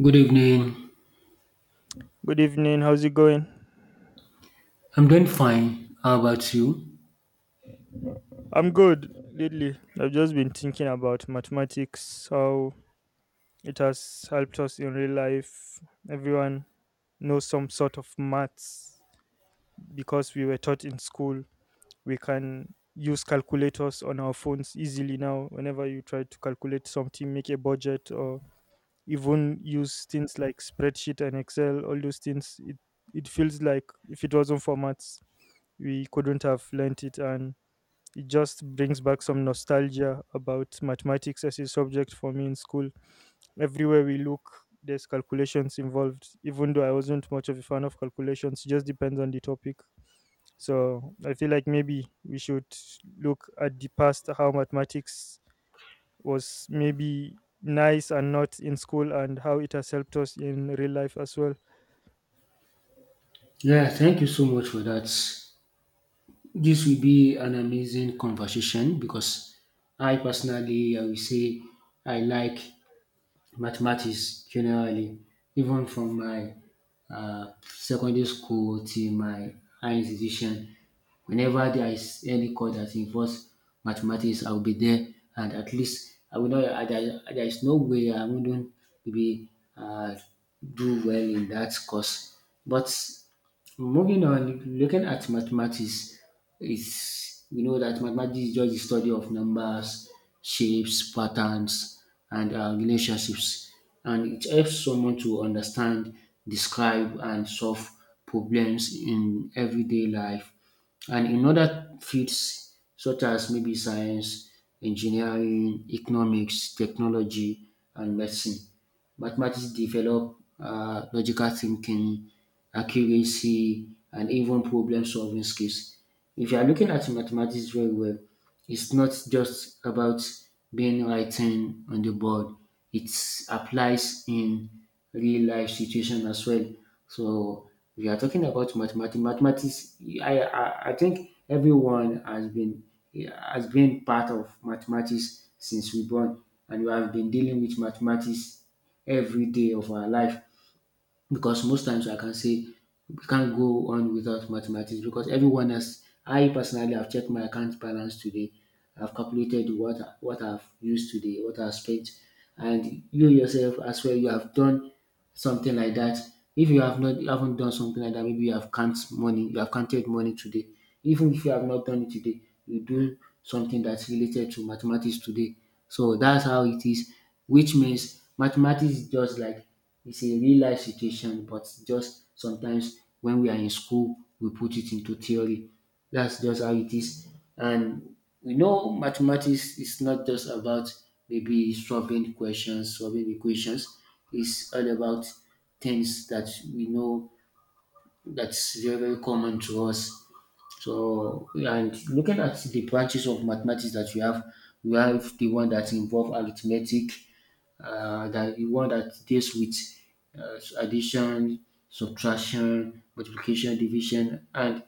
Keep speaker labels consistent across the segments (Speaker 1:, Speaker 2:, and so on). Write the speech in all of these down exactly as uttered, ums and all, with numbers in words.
Speaker 1: Good evening.
Speaker 2: Good evening. How's it going?
Speaker 1: I'm doing fine. How about you?
Speaker 2: I'm good lately. I've just been thinking about mathematics, how it has helped us in real life. Everyone knows some sort of maths because we were taught in school. We can use calculators on our phones easily now. Whenever you try to calculate something, make a budget, or even use things like spreadsheet and Excel, all those things, it, it feels like if it wasn't for maths, we couldn't have learnt it, and it just brings back some nostalgia about mathematics as a subject for me in school. Everywhere we look, there's calculations involved. Even though I wasn't much of a fan of calculations, it just depends on the topic. So I feel like maybe we should look at the past, how mathematics was maybe nice and not in school, and how it has helped us in real life as well.
Speaker 1: Yeah, thank you so much for that. This will be an amazing conversation because I personally, I will say, I like mathematics generally even from my uh, secondary school till my high institution whenever there is any course that involves mathematics I will be there, and at least I will not I, there, there is no way I wouldn't be uh, do well in that course. But moving on, looking at mathematics, it's we know that mathematics is just the study of numbers, shapes, patterns, and uh, relationships, and it helps someone to understand, describe, and solve problems in everyday life. And in other fields such as maybe science, engineering, economics, technology, and medicine, mathematics develop uh, logical thinking, accuracy, and even problem solving skills. If you are looking at mathematics very well, it's not just about being writing on the board, it applies in real life situation as well. So we are talking about mathematics. Mathematics, I, I, I think everyone has been has been part of mathematics since we born, and we have been dealing with mathematics every day of our life because most times I can say we can't go on without mathematics because everyone has. I personally have checked my account balance today. I've calculated what what I've used today, what I've spent, and you yourself as well. You have done something like that. If you have not, you haven't done something like that, maybe you have counted money. You have counted money today. Even if you have not done it today, you do something that's related to mathematics today. So that's how it is, which means mathematics is just like it's a real life situation, but just sometimes when we are in school, we put it into theory. That's just how it is. And we know mathematics is not just about maybe solving questions, solving equations. It's all about things that we know that's very, very common to us. So, yeah, and looking at the branches of mathematics that we have, we have the one that involve arithmetic, uh, that the one that deals with uh, addition, subtraction, multiplication, division, and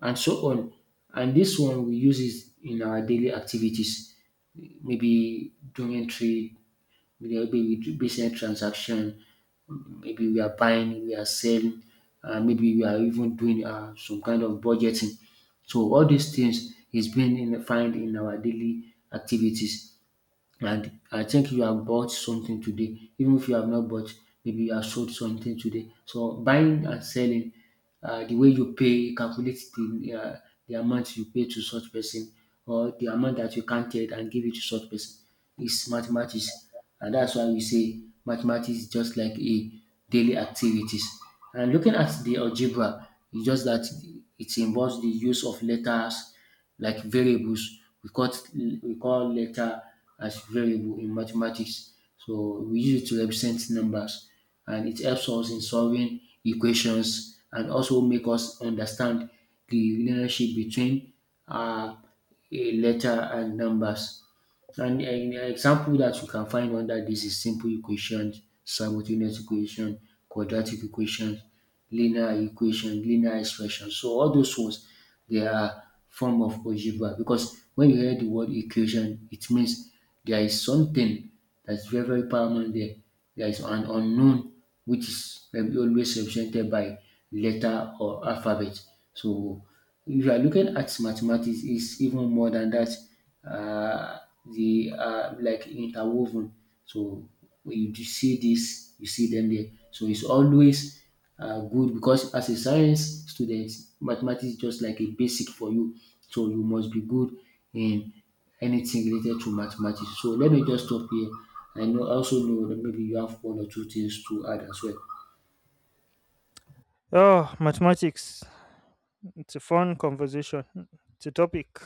Speaker 1: and so on. And this one we use it in our daily activities, maybe during trade, maybe we do business transaction, maybe we are buying, we are selling, and maybe we are even doing um some kind of budgeting. So all these things is being in find in our daily activities. And I think you have bought something today, even if you have not bought, maybe you have sold something today. So buying and selling, uh, the way you pay, you calculate the uh, the amount you pay to such person or the amount that you counted and give it to such person is mathematics, and that's why we say mathematics is just like a daily activities. And looking at the algebra, it's just that it involves the use of letters like variables we call it, we call letter as variable in mathematics. So we use it to represent numbers and it helps us in solving equations and also make us understand the relationship between uh, a letter and numbers. An example that you can find under this is simple equations, simultaneous equation, quadratic equation, linear equation, linear expression. So all those ones they are form of algebra because when you hear the word equation, it means there is something that's very very paramount there. There is an unknown which is um, always represented by letter or alphabet. So if you are looking at mathematics, it's even more than that. Uh, the uh, like interwoven. So when you do see this, you see them there. So it's always uh, good because as a science student, mathematics is just like a basic for you. So you must be good in anything related to mathematics. So let me just stop here. I know, also know that maybe you have one or two things to add as well.
Speaker 2: Oh, mathematics. It's a fun conversation. It's a topic.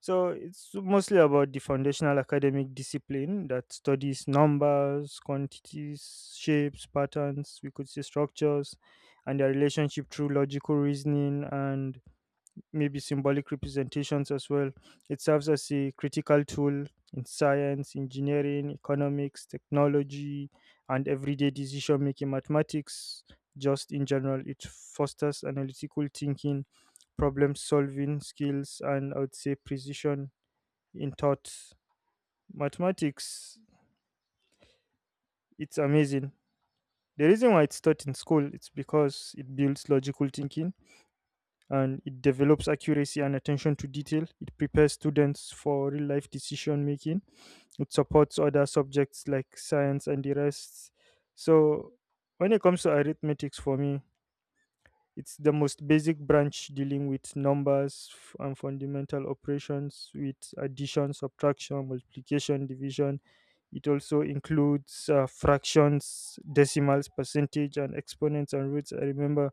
Speaker 2: So, it's mostly about the foundational academic discipline that studies numbers, quantities, shapes, patterns, we could say structures, and their relationship through logical reasoning and maybe symbolic representations as well. It serves as a critical tool in science, engineering, economics, technology, and everyday decision making mathematics. Just in general, it fosters analytical thinking, problem solving skills, and I would say precision in thought. Mathematics, it's amazing. The reason why it's taught in school it's because it builds logical thinking and it develops accuracy and attention to detail. It prepares students for real life decision making. It supports other subjects like science and the rest. So, when it comes to arithmetics, for me, it's the most basic branch dealing with numbers f- and fundamental operations with addition, subtraction, multiplication, division. It also includes uh, fractions, decimals, percentage, and exponents and roots. I remember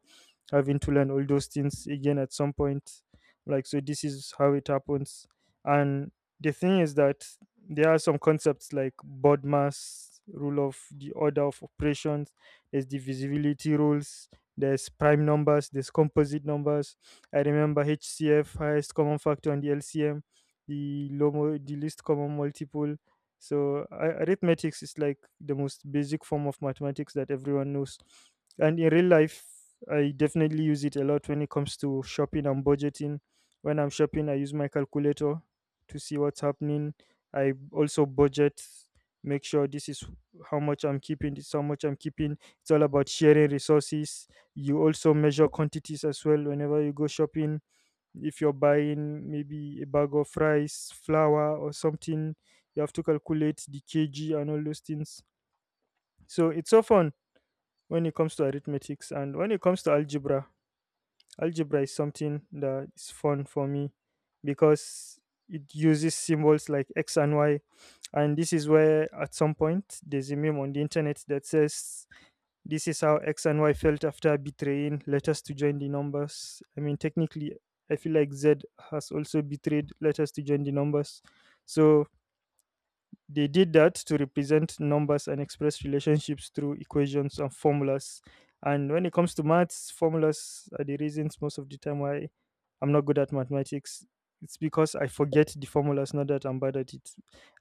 Speaker 2: having to learn all those things again at some point. Like, so this is how it happens. And the thing is that there are some concepts like board mass rule of the order of operations, there's divisibility rules, there's prime numbers, there's composite numbers. I remember H C F, highest common factor, and the L C M, the low mo- the least common multiple. So a- arithmetics is like the most basic form of mathematics that everyone knows, and in real life I definitely use it a lot when it comes to shopping and budgeting. When I'm shopping, I use my calculator to see what's happening. I also budget, make sure this is how much I'm keeping, this is how much I'm keeping. It's all about sharing resources. You also measure quantities as well whenever you go shopping. If you're buying maybe a bag of rice, flour, or something, you have to calculate the kg and all those things. So it's so fun when it comes to arithmetics. And when it comes to algebra, algebra is something that is fun for me because it uses symbols like x and y, and this is where at some point there's a meme on the internet that says this is how x and y felt after betraying letters to join the numbers. I mean technically, I feel like z has also betrayed letters to join the numbers. So they did that to represent numbers and express relationships through equations and formulas. And when it comes to maths, formulas are the reasons most of the time why I'm not good at mathematics. It's because I forget the formulas, not that I'm bad at it.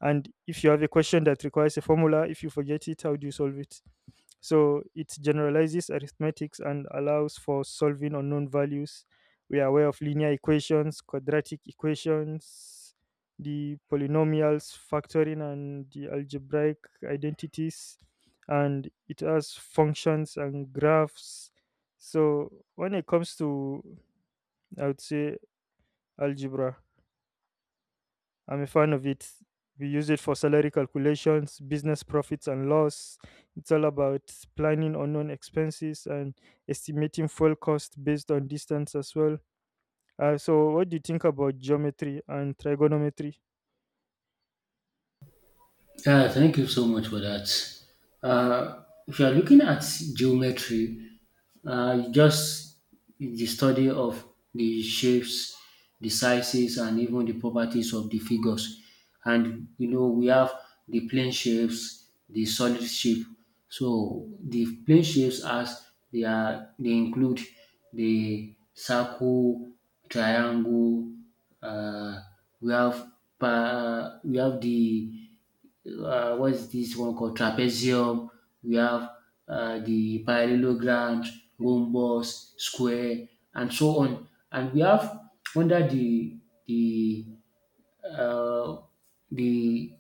Speaker 2: And if you have a question that requires a formula, if you forget it, how do you solve it? So it generalizes arithmetics and allows for solving unknown values. We are aware of linear equations, quadratic equations, the polynomials, factoring, and the algebraic identities. And it has functions and graphs. So when it comes to, I would say, algebra, I'm a fan of it. We use it for salary calculations, business profits and loss. It's all about planning unknown expenses and estimating fuel cost based on distance as well. Uh, so, what do you think about geometry and trigonometry?
Speaker 1: Yeah, thank you so much for that. Uh, if you are looking at geometry, uh, just the study of the shapes, the sizes, and even the properties of the figures. And you know, we have the plane shapes, the solid shape. So the plane shapes as they are they include the circle, triangle. Uh, we have pa- we have the uh, what is this one called trapezium. We have uh, the parallelogram, rhombus, square, and so on. And we have under the the uh, the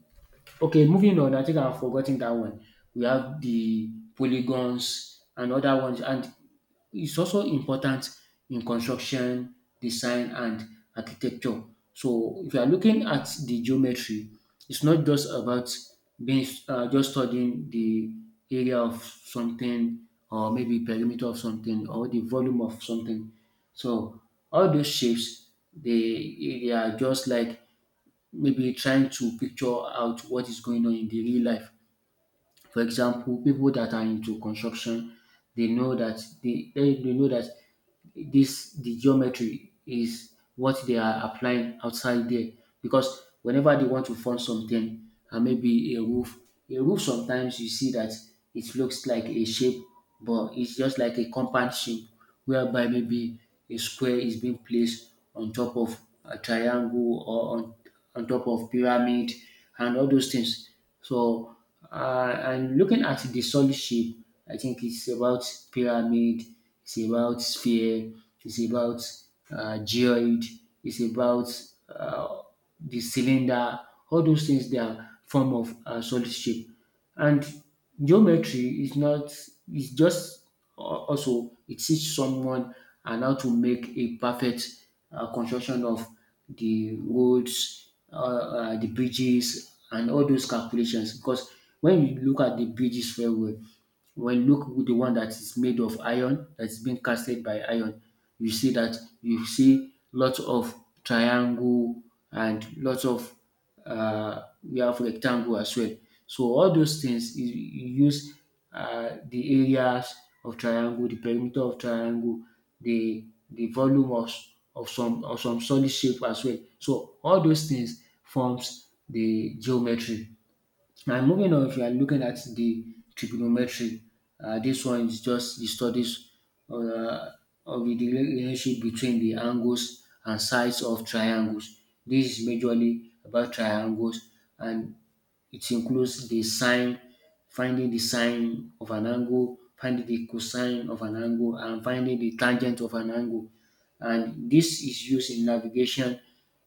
Speaker 1: okay. Moving on, I think I've forgotten that one. We have the polygons and other ones, and it's also important in construction, design, and architecture. So if you are looking at the geometry, it's not just about being uh, just studying the area of something or maybe perimeter of something or the volume of something. So all those shapes, they they are just like maybe trying to picture out what is going on in the real life. For example, people that are into construction, they know that they, they, they know that this the geometry is what they are applying outside there because whenever they want to form something and maybe a roof, a roof sometimes you see that it looks like a shape, but it's just like a compound shape whereby maybe a square is being placed on top of a triangle or on, on top of pyramid and all those things. So uh, and looking at the solid shape, I think it's about pyramid, it's about sphere, it's about uh, geoid, it's about uh, the cylinder, all those things they are form of uh, solid shape. And geometry is not, it's just Al- also, it teaches someone and how to make a perfect uh, construction of the roads, uh, uh, the bridges, and all those calculations. Because when you look at the bridges very well, when you look with the one that is made of iron, that's been casted by iron, you see that you see lots of triangle and lots of uh, we have rectangle as well. So all those things is you use uh, the areas of triangle, the perimeter of triangle, the the volume of, of some of some solid shape as well. So all those things forms the geometry. And moving on, if you are looking at the trigonometry, uh, this one is just the studies uh, of the relationship between the angles and sides of triangles. This is majorly about triangles and it includes the sine finding the sine of an angle, finding the cosine of an angle, and finding the tangent of an angle. And this is used in navigation,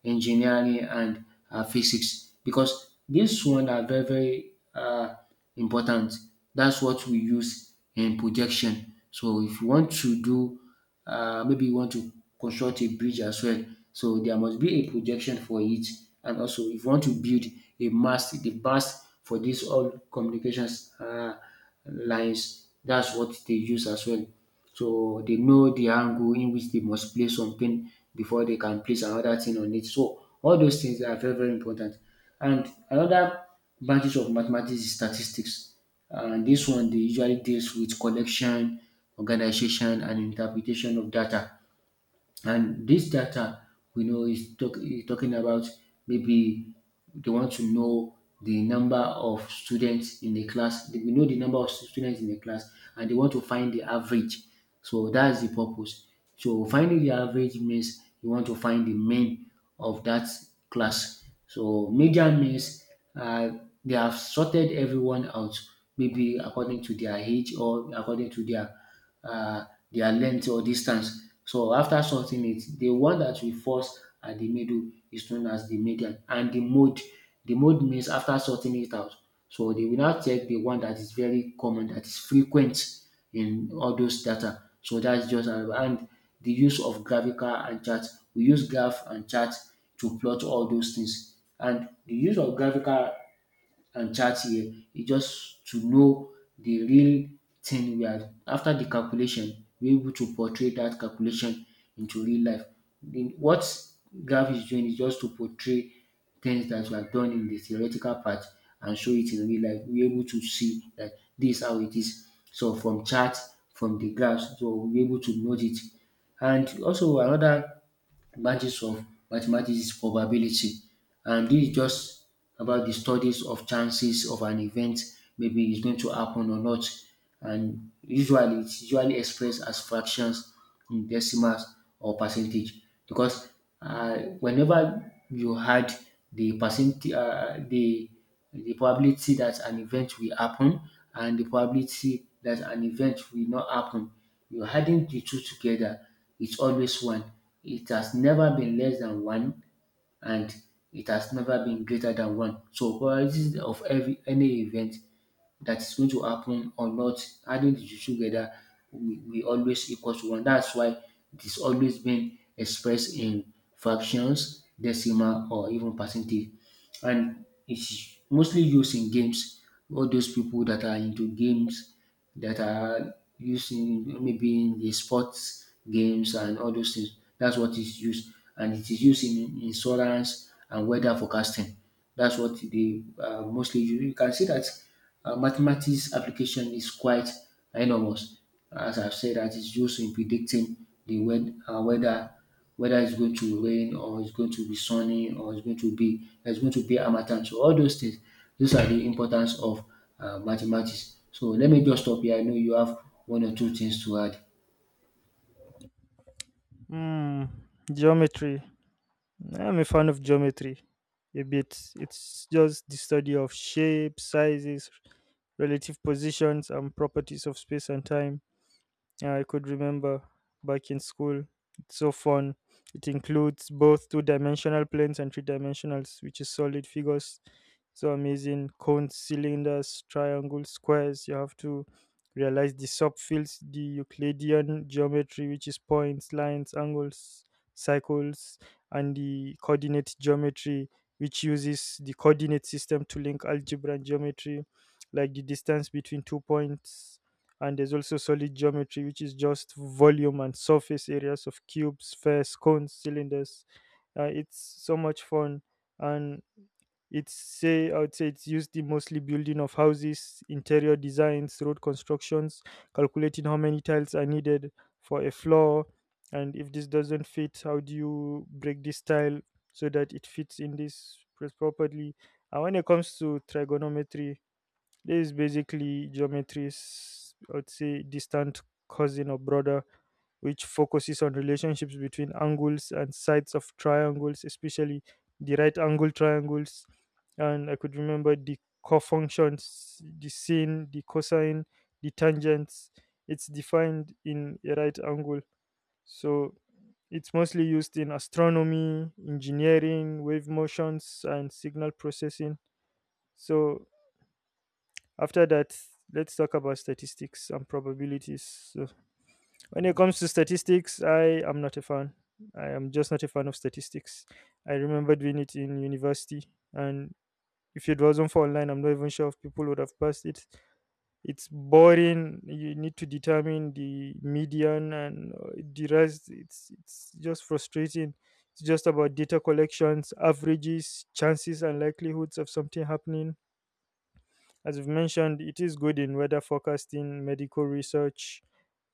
Speaker 1: engineering, and uh, physics because this one are very, very uh, important. That's what we use in projection. So if you want to do uh, maybe you want to construct a bridge as well. So there must be a projection for it. And also, if you want to build a mast, the mast for these all communications uh, lines, that's what they use as well. So they know the angle in which they must place something before they can place another thing on it. So all those things are very, very important. And another branches of mathematics is statistics. And this one they usually deals with collection, organization, and interpretation of data. And this data, we know, is, talk, is talking about maybe they want to know the number of students in the class. They- We know the number of students in the class, and they want to find the average. So that's the purpose. So finding the average means you want to find the mean of that class. So median means uh, they have sorted everyone out, maybe according to their age or according to their uh, their length or distance. So after sorting it, the one that we first at the middle is known as the median, and the mode. The mode means after sorting it out. So they will now take the one that is very common, that is frequent in all those data. So that's just another, and the use of graphical and chart. We use graph and chart to plot all those things. And the use of graphical and chart here e just to know the real thing we are after the calculation we're able to portray that calculation into real life. The, what graph is doing is just to portray things that were done in the theoretical part and show it in real life. We're able to see that this is how it is. So from charts, from the graphs, so we're able to note it. And also another Mathematics of mathematics is probability, and this is just about the studies of chances of an event, maybe it's going to happen or not. And usually, it's usually expressed as fractions, in decimals, or percentage. Because uh, whenever you had the percent, uh, the the probability that an event will happen and the probability that an event will not happen. You're adding the two together, it's always one. It has never been less than one, and it has never been greater than one. So probability of every any event that's going to happen or not. Adding the two together, we we always equal to one. That's why it is always been expressed in fractions, decimal, or even percentage. And it's mostly used in games. All those people that are into games that are used in maybe in the sports games and all those things. That's what is used, and it is used in insurance and weather forecasting. That's what they uh, mostly use. You can see that uh, mathematics application is quite enormous. As I've said, that it's used in predicting the wed- uh, weather, whether it's going to rain or it's going to be sunny or it's going to be it's going to be harmattan. So all those things, those are the importance of uh, mathematics. So let me just stop here. I know you have one or two things to add.
Speaker 2: Hmm, geometry. I'm a fan of geometry a bit. It's just the study of shapes, sizes, relative positions, and properties of space and time. Yeah, I could remember back in school. It's so fun. It includes both two dimensional planes and three dimensionals, which is solid figures. So amazing. Cones, cylinders, triangles, squares. You have to realize the subfields, the Euclidean geometry, which is points, lines, angles, circles, and the coordinate geometry, which uses the coordinate system to link algebra and geometry, like the distance between two points. And there's also solid geometry, which is just volume and surface areas of cubes, spheres, cones, cylinders. Uh, it's so much fun. And it's say I would say it's used in mostly building of houses, interior designs, road constructions, calculating how many tiles are needed for a floor. And if this doesn't fit, how do you break this tile so that it fits in this place properly? And when it comes to trigonometry, this is basically geometry's, I would say, distant cousin or brother, which focuses on relationships between angles and sides of triangles, especially the right angle triangles. And I could remember the cofunctions, the sine, the cosine, the tangents. It's defined in a right angle. So it's mostly used in astronomy, engineering, wave motions, and signal processing. So after that, let's talk about statistics and probabilities. So, when it comes to statistics, I am not a fan. I am just not a fan of statistics. I remember doing it in university, and if it wasn't for online, I'm not even sure if people would have passed it. It's boring. You need to determine the median and uh, the rest. It's it's just frustrating. It's just about data collections, averages, chances, and likelihoods of something happening. As you've mentioned, it is good in weather forecasting, medical research,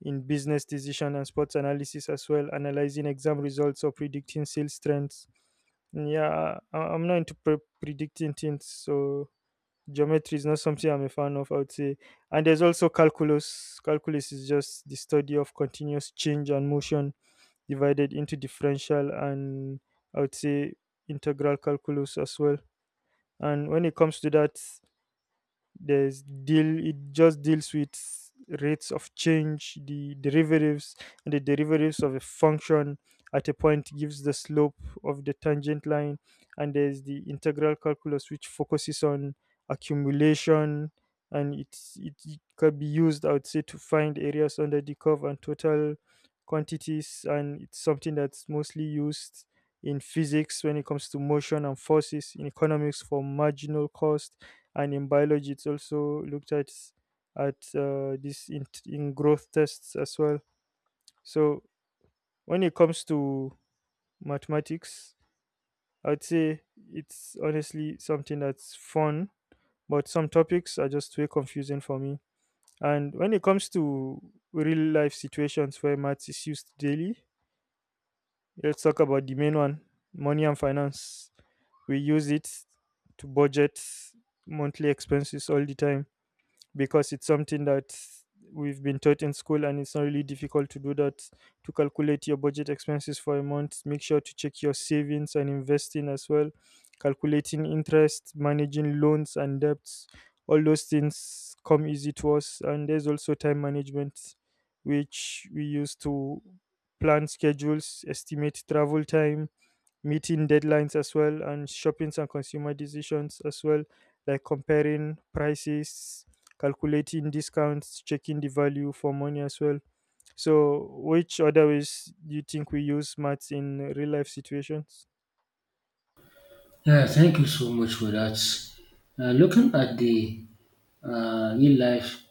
Speaker 2: in business decision and sports analysis as well, analyzing exam results or predicting sales trends. Yeah, I, I'm not into pre- predicting things, so geometry is not something I'm a fan of, I would say. And there's also calculus. Calculus is just the study of continuous change and motion, divided into differential and, I would say, integral calculus as well. And when it comes to that, there's deal it just deals with rates of change, the derivatives. And the derivatives of a function at a point gives the slope of the tangent line. And there's the integral calculus, which focuses on accumulation, and it's it it can be used, I would say, to find areas under the curve and total quantities. And it's something that's mostly used in physics when it comes to motion and forces, in economics for marginal cost, and in biology it's also looked at at uh, this in, in, growth tests as well. So when it comes to mathematics, I'd say it's honestly something that's fun, but some topics are just way confusing for me. And when it comes to real life situations where maths is used daily, let's talk about the main one: money and finance. We use it to budget monthly expenses all the time because it's something that we've been taught in school, and it's not really difficult to do that, to calculate your budget expenses for a month, make sure to check your savings and investing as well, calculating interest, managing loans and debts. All those things come easy to us. And there's also time management, which we use to plan schedules, estimate travel time, meeting deadlines as well, and shopping and consumer decisions as well, like comparing prices, calculating discounts, checking the value for money as well. So which other ways do you think we use maths in real life situations?
Speaker 1: Yeah, thank you so much for that. Uh, looking at the uh, real life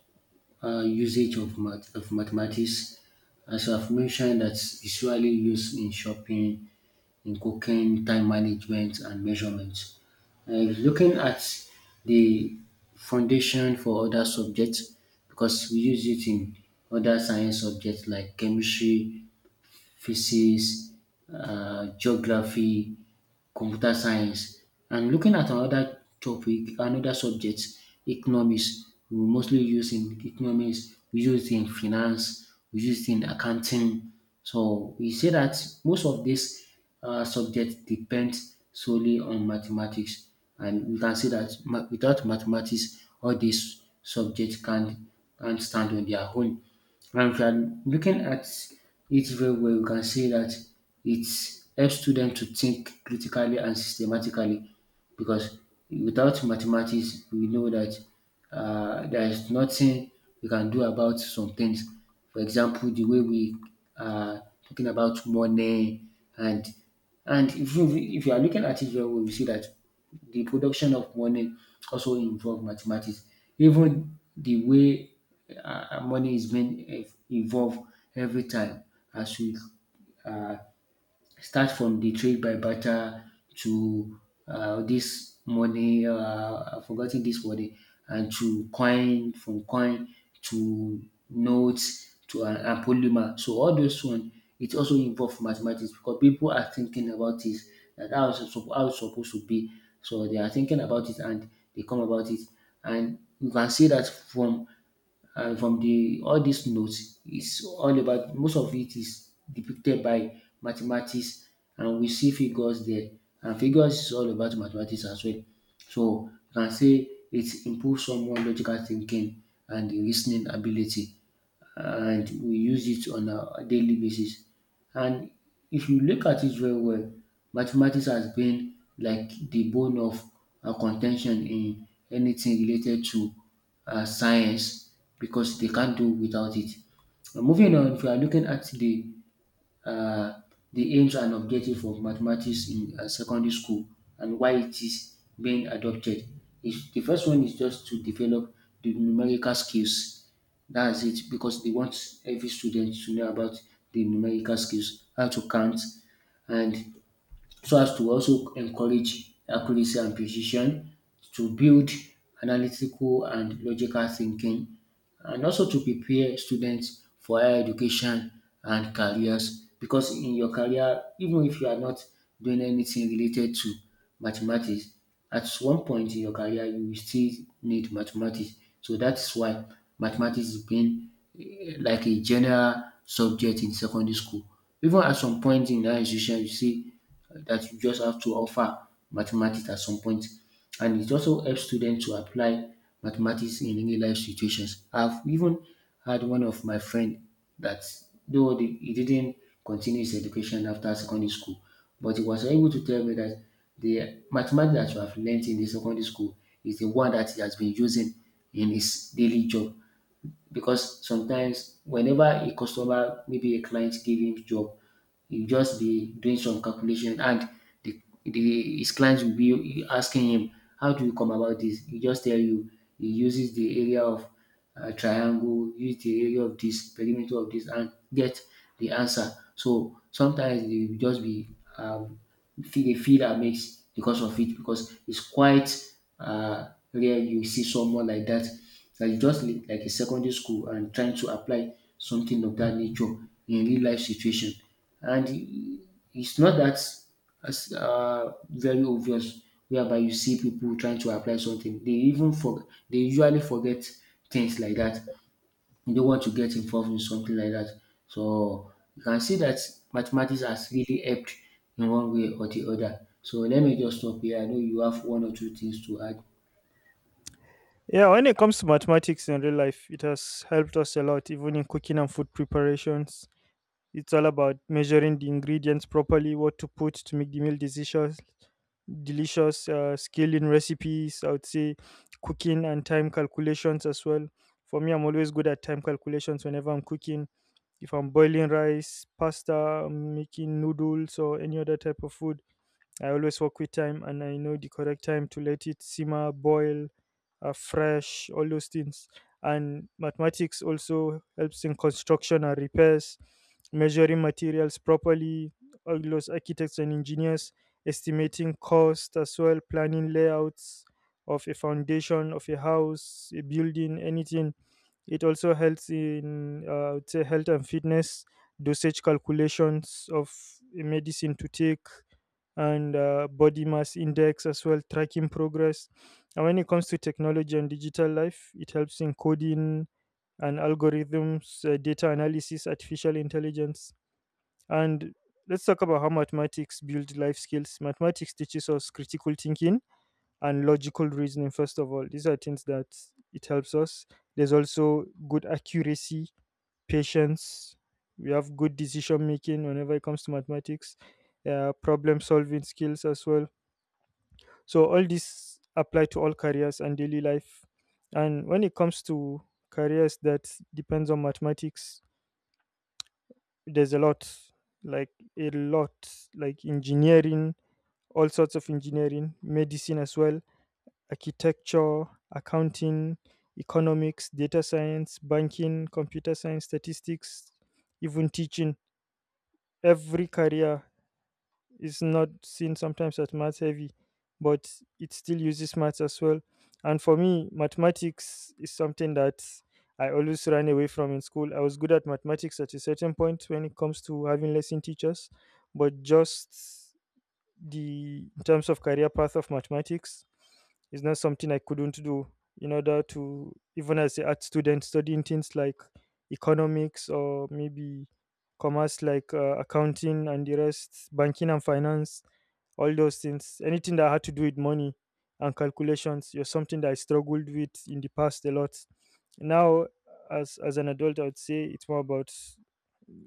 Speaker 1: uh, usage of, math- of mathematics, as I've mentioned, that's usually used in shopping, in cooking, time management, and measurements. Uh, looking at the foundation for other subjects, because we use it in other science subjects like chemistry, physics, uh, geography, computer science. And looking at another topic, another subject, economics, we mostly use in economics, we use it in finance, we use it in accounting. So we say that most of this uh, subject depends solely on mathematics. And we can say that ma- without mathematics, all these subjects can, can't stand on their own. And if you are looking at it very well, we can see that it helps students to think critically and systematically, because without mathematics, we know that uh, there is nothing we can do about some things. For example, the way we are talking about money. And and if you if you are looking at it very well, you see that the production of money also involve mathematics. Even the way uh, money is being ev- evolved every time, as we uh, start from the trade by barter to uh, this money, uh, I've forgotten this money, and to coin, from coin to notes to uh, and polymer. So all those one, it also involve mathematics because people are thinking about it, that how it's suppo- how it's supposed to be. So they are thinking about it, and they come about it, and you can see that from and from the all these notes, it's all about, most of it is depicted by mathematics. And we see figures there, and figures is all about mathematics as well. So you can say it improves someone logical thinking and the lis ability, and we use it on a daily basis. And if you look at it very well, mathematics has been like the bone of uh, contention in anything related to uh, science, because they can't do without it. Now, moving on, if you are looking at the uh, the aims and objectives of mathematics in uh, secondary school and why it is being adopted. Is the first one is just to develop the numerical skills. That's it, because they want every student to know about the numerical skills, how to count, and so as to also encourage accuracy and precision, to build analytical and logical thinking, and also to prepare students for higher education and careers, because in your career, even if you are not doing anything related to mathematics, at one point in your career you will still need mathematics. So that's why mathematics is being eh, like a general subject in secondary school. Even at some point in that institution, you see that you just have to offer mathematics at some point. And it also helps students to apply mathematics in real life situations. I've even had one of my friend that, though the- he didn't continue his education after secondary school, but he was able to tell me that the mathematics that you have learnt in the secondary school is the one that he has been using in his daily job, because sometimes whenever a customer, maybe a client give him job, he'll just be doing some calculation. And the, the his clients will be asking him, how do you come about this? He just tell you he uses the area of uh, triangle, use the area of this, perimeter of this, and get the answer. So sometimes they will just be um, feel they feel amazed because of it, because it's quite uh, rare you see someone like that, like just li- like a secondary school and trying to apply something of that nature in real life situation. and i- it's not that as uh, very obvious, whereby you see people trying to apply something, they even for they usually forget things like that, they don't want to get involved in something like that. So you can see that mathematics has really helped in one way or the other. So let me just stop here, I know you have one or two things to add.
Speaker 2: Yeah, when it comes to mathematics in real life, it has helped us a lot, even in cooking and food preparations. It's all about measuring the ingredients properly, what to put to make the meal decisions delicious, uh, skill in recipes, I would say, cooking and time calculations as well. For me, I'm always good at time calculations whenever I'm cooking. If I'm boiling rice, pasta, I'm making noodles or any other type of food, I always work with time and I know the correct time to let it simmer, boil, uh, fresh, all those things. And mathematics also helps in construction and repairs, measuring materials properly, all those architects and engineers, estimating cost as well, planning layouts of a foundation, of a house, a building, anything. It also helps in uh, I would say health and fitness, dosage calculations of a medicine to take, and uh, body mass index as well, tracking progress. And when it comes to technology and digital life, it helps in coding and algorithms, uh, data analysis, artificial intelligence. And let's talk about how mathematics build life skills. Mathematics teaches us critical thinking and logical reasoning, first of all. These are things that it helps us. There's also good accuracy, patience, we have good decision making whenever it comes to mathematics, uh, problem solving skills as well, so all these apply to all careers and daily life. And when it comes to careers that depends on mathematics, there's a lot, like a lot, like engineering, all sorts of engineering, medicine as well, architecture, accounting, economics, data science, banking, computer science, statistics, even teaching. Every career is not seen sometimes as math heavy, but it still uses maths as well. And for me, mathematics is something that I always ran away from in school. I was good at mathematics at a certain point when it comes to having lesson teachers, but just the in terms of career path of mathematics is not something I couldn't do, in order to, even as an art student studying things like economics or maybe commerce, like uh, accounting and the rest, banking and finance, all those things, anything that had to do with money and calculations was something that I struggled with in the past a lot. Now, as as an adult, I would say it's more about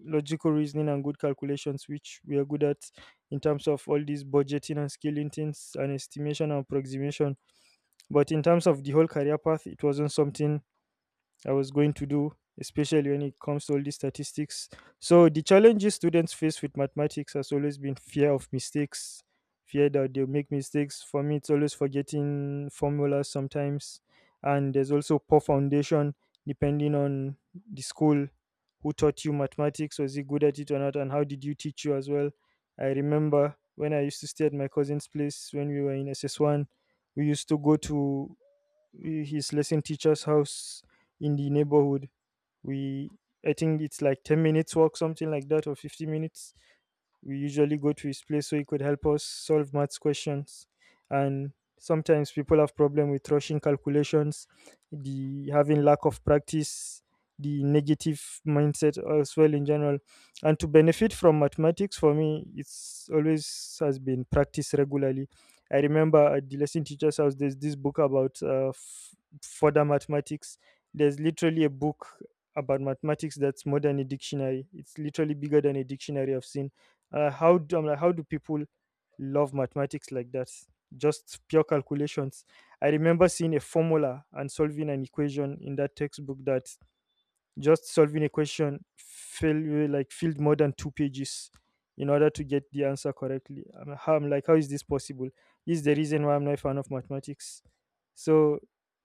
Speaker 2: logical reasoning and good calculations, which we are good at, in terms of all these budgeting and scaling things and estimation and approximation. But in terms of the whole career path, it wasn't something I was going to do, especially when it comes to all these statistics. So the challenges students face with mathematics has always been fear of mistakes, fear that they'll make mistakes. For me, it's always forgetting formulas sometimes, and there's also poor foundation depending on the school. Who taught you mathematics? Was he good at it or not, and how did you teach you as well? I remember when I used to stay at my cousin's place when we were in S S one, we used to go to his lesson teacher's house in the neighborhood. We, I think it's like ten minutes walk, something like that, or fifty minutes. We usually go to his place so he could help us solve maths questions. And sometimes people have problem with rushing calculations, the having lack of practice, the negative mindset as well in general. And to benefit from mathematics, for me it's always has been practice regularly. I remember at the lesson teacher's house there's this book about uh, f- further mathematics. There's literally a book about mathematics that's more than a dictionary. It's literally bigger than a dictionary I've seen. Uh, how do I'm like, how do people love mathematics like that? Just pure calculations. I remember seeing a formula and solving an equation in that textbook that, just solving a question fill like filled more than two pages in order to get the answer correctly. I'm, how, I'm like, how is this possible? This is the reason why I'm not a fan of mathematics. So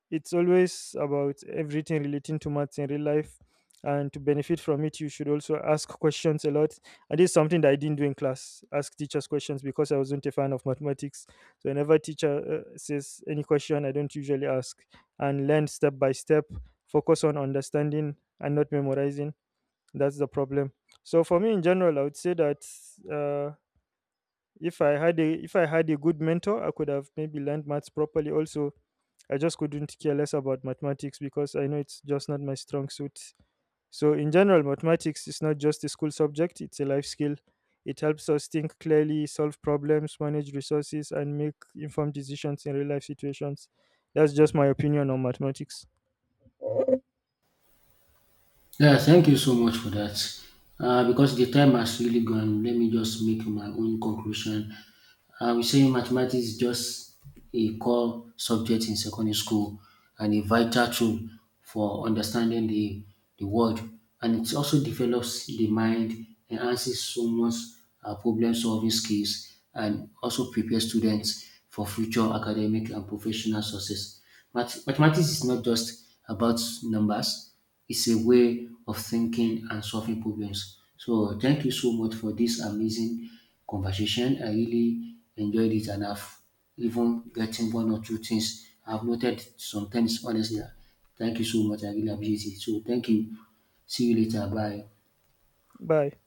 Speaker 2: it's always about everything relating to maths in real life. And to benefit from it, you should also ask questions a lot. And this is something that I didn't do in class, ask teachers questions, because I wasn't a fan of mathematics. So, whenever teacher uh, says any question, I don't usually ask, and learn step by step, focus on understanding and not memorizing. That's the problem. So for me in general, I would say that uh, if I had a if I had a good mentor, I could have maybe learned maths properly. Also, I just couldn't care less about mathematics because I know it's just not my strong suit. So in general, mathematics is not just a school subject; it's a life skill. It helps us think clearly, solve problems, manage resources, and make informed decisions in real life situations. That's just my opinion on mathematics.
Speaker 1: Yeah, thank you so much for that. Uh, because the time has really gone, let me just make my own conclusion. I We say mathematics is just a core subject in secondary school and a vital tool for understanding the, the world. And it also develops the mind, enhances someone's uh, problem solving skills, and also prepares students for future academic and professional success. Math- mathematics is not just about numbers, it's a way of thinking and solving problems. So, thank you so much for this amazing conversation. I really enjoyed it, and I've even gotten one or two things. I've noted some things, honestly. Thank you so much. I really appreciate it. So, thank you. See you later. Bye.
Speaker 2: Bye.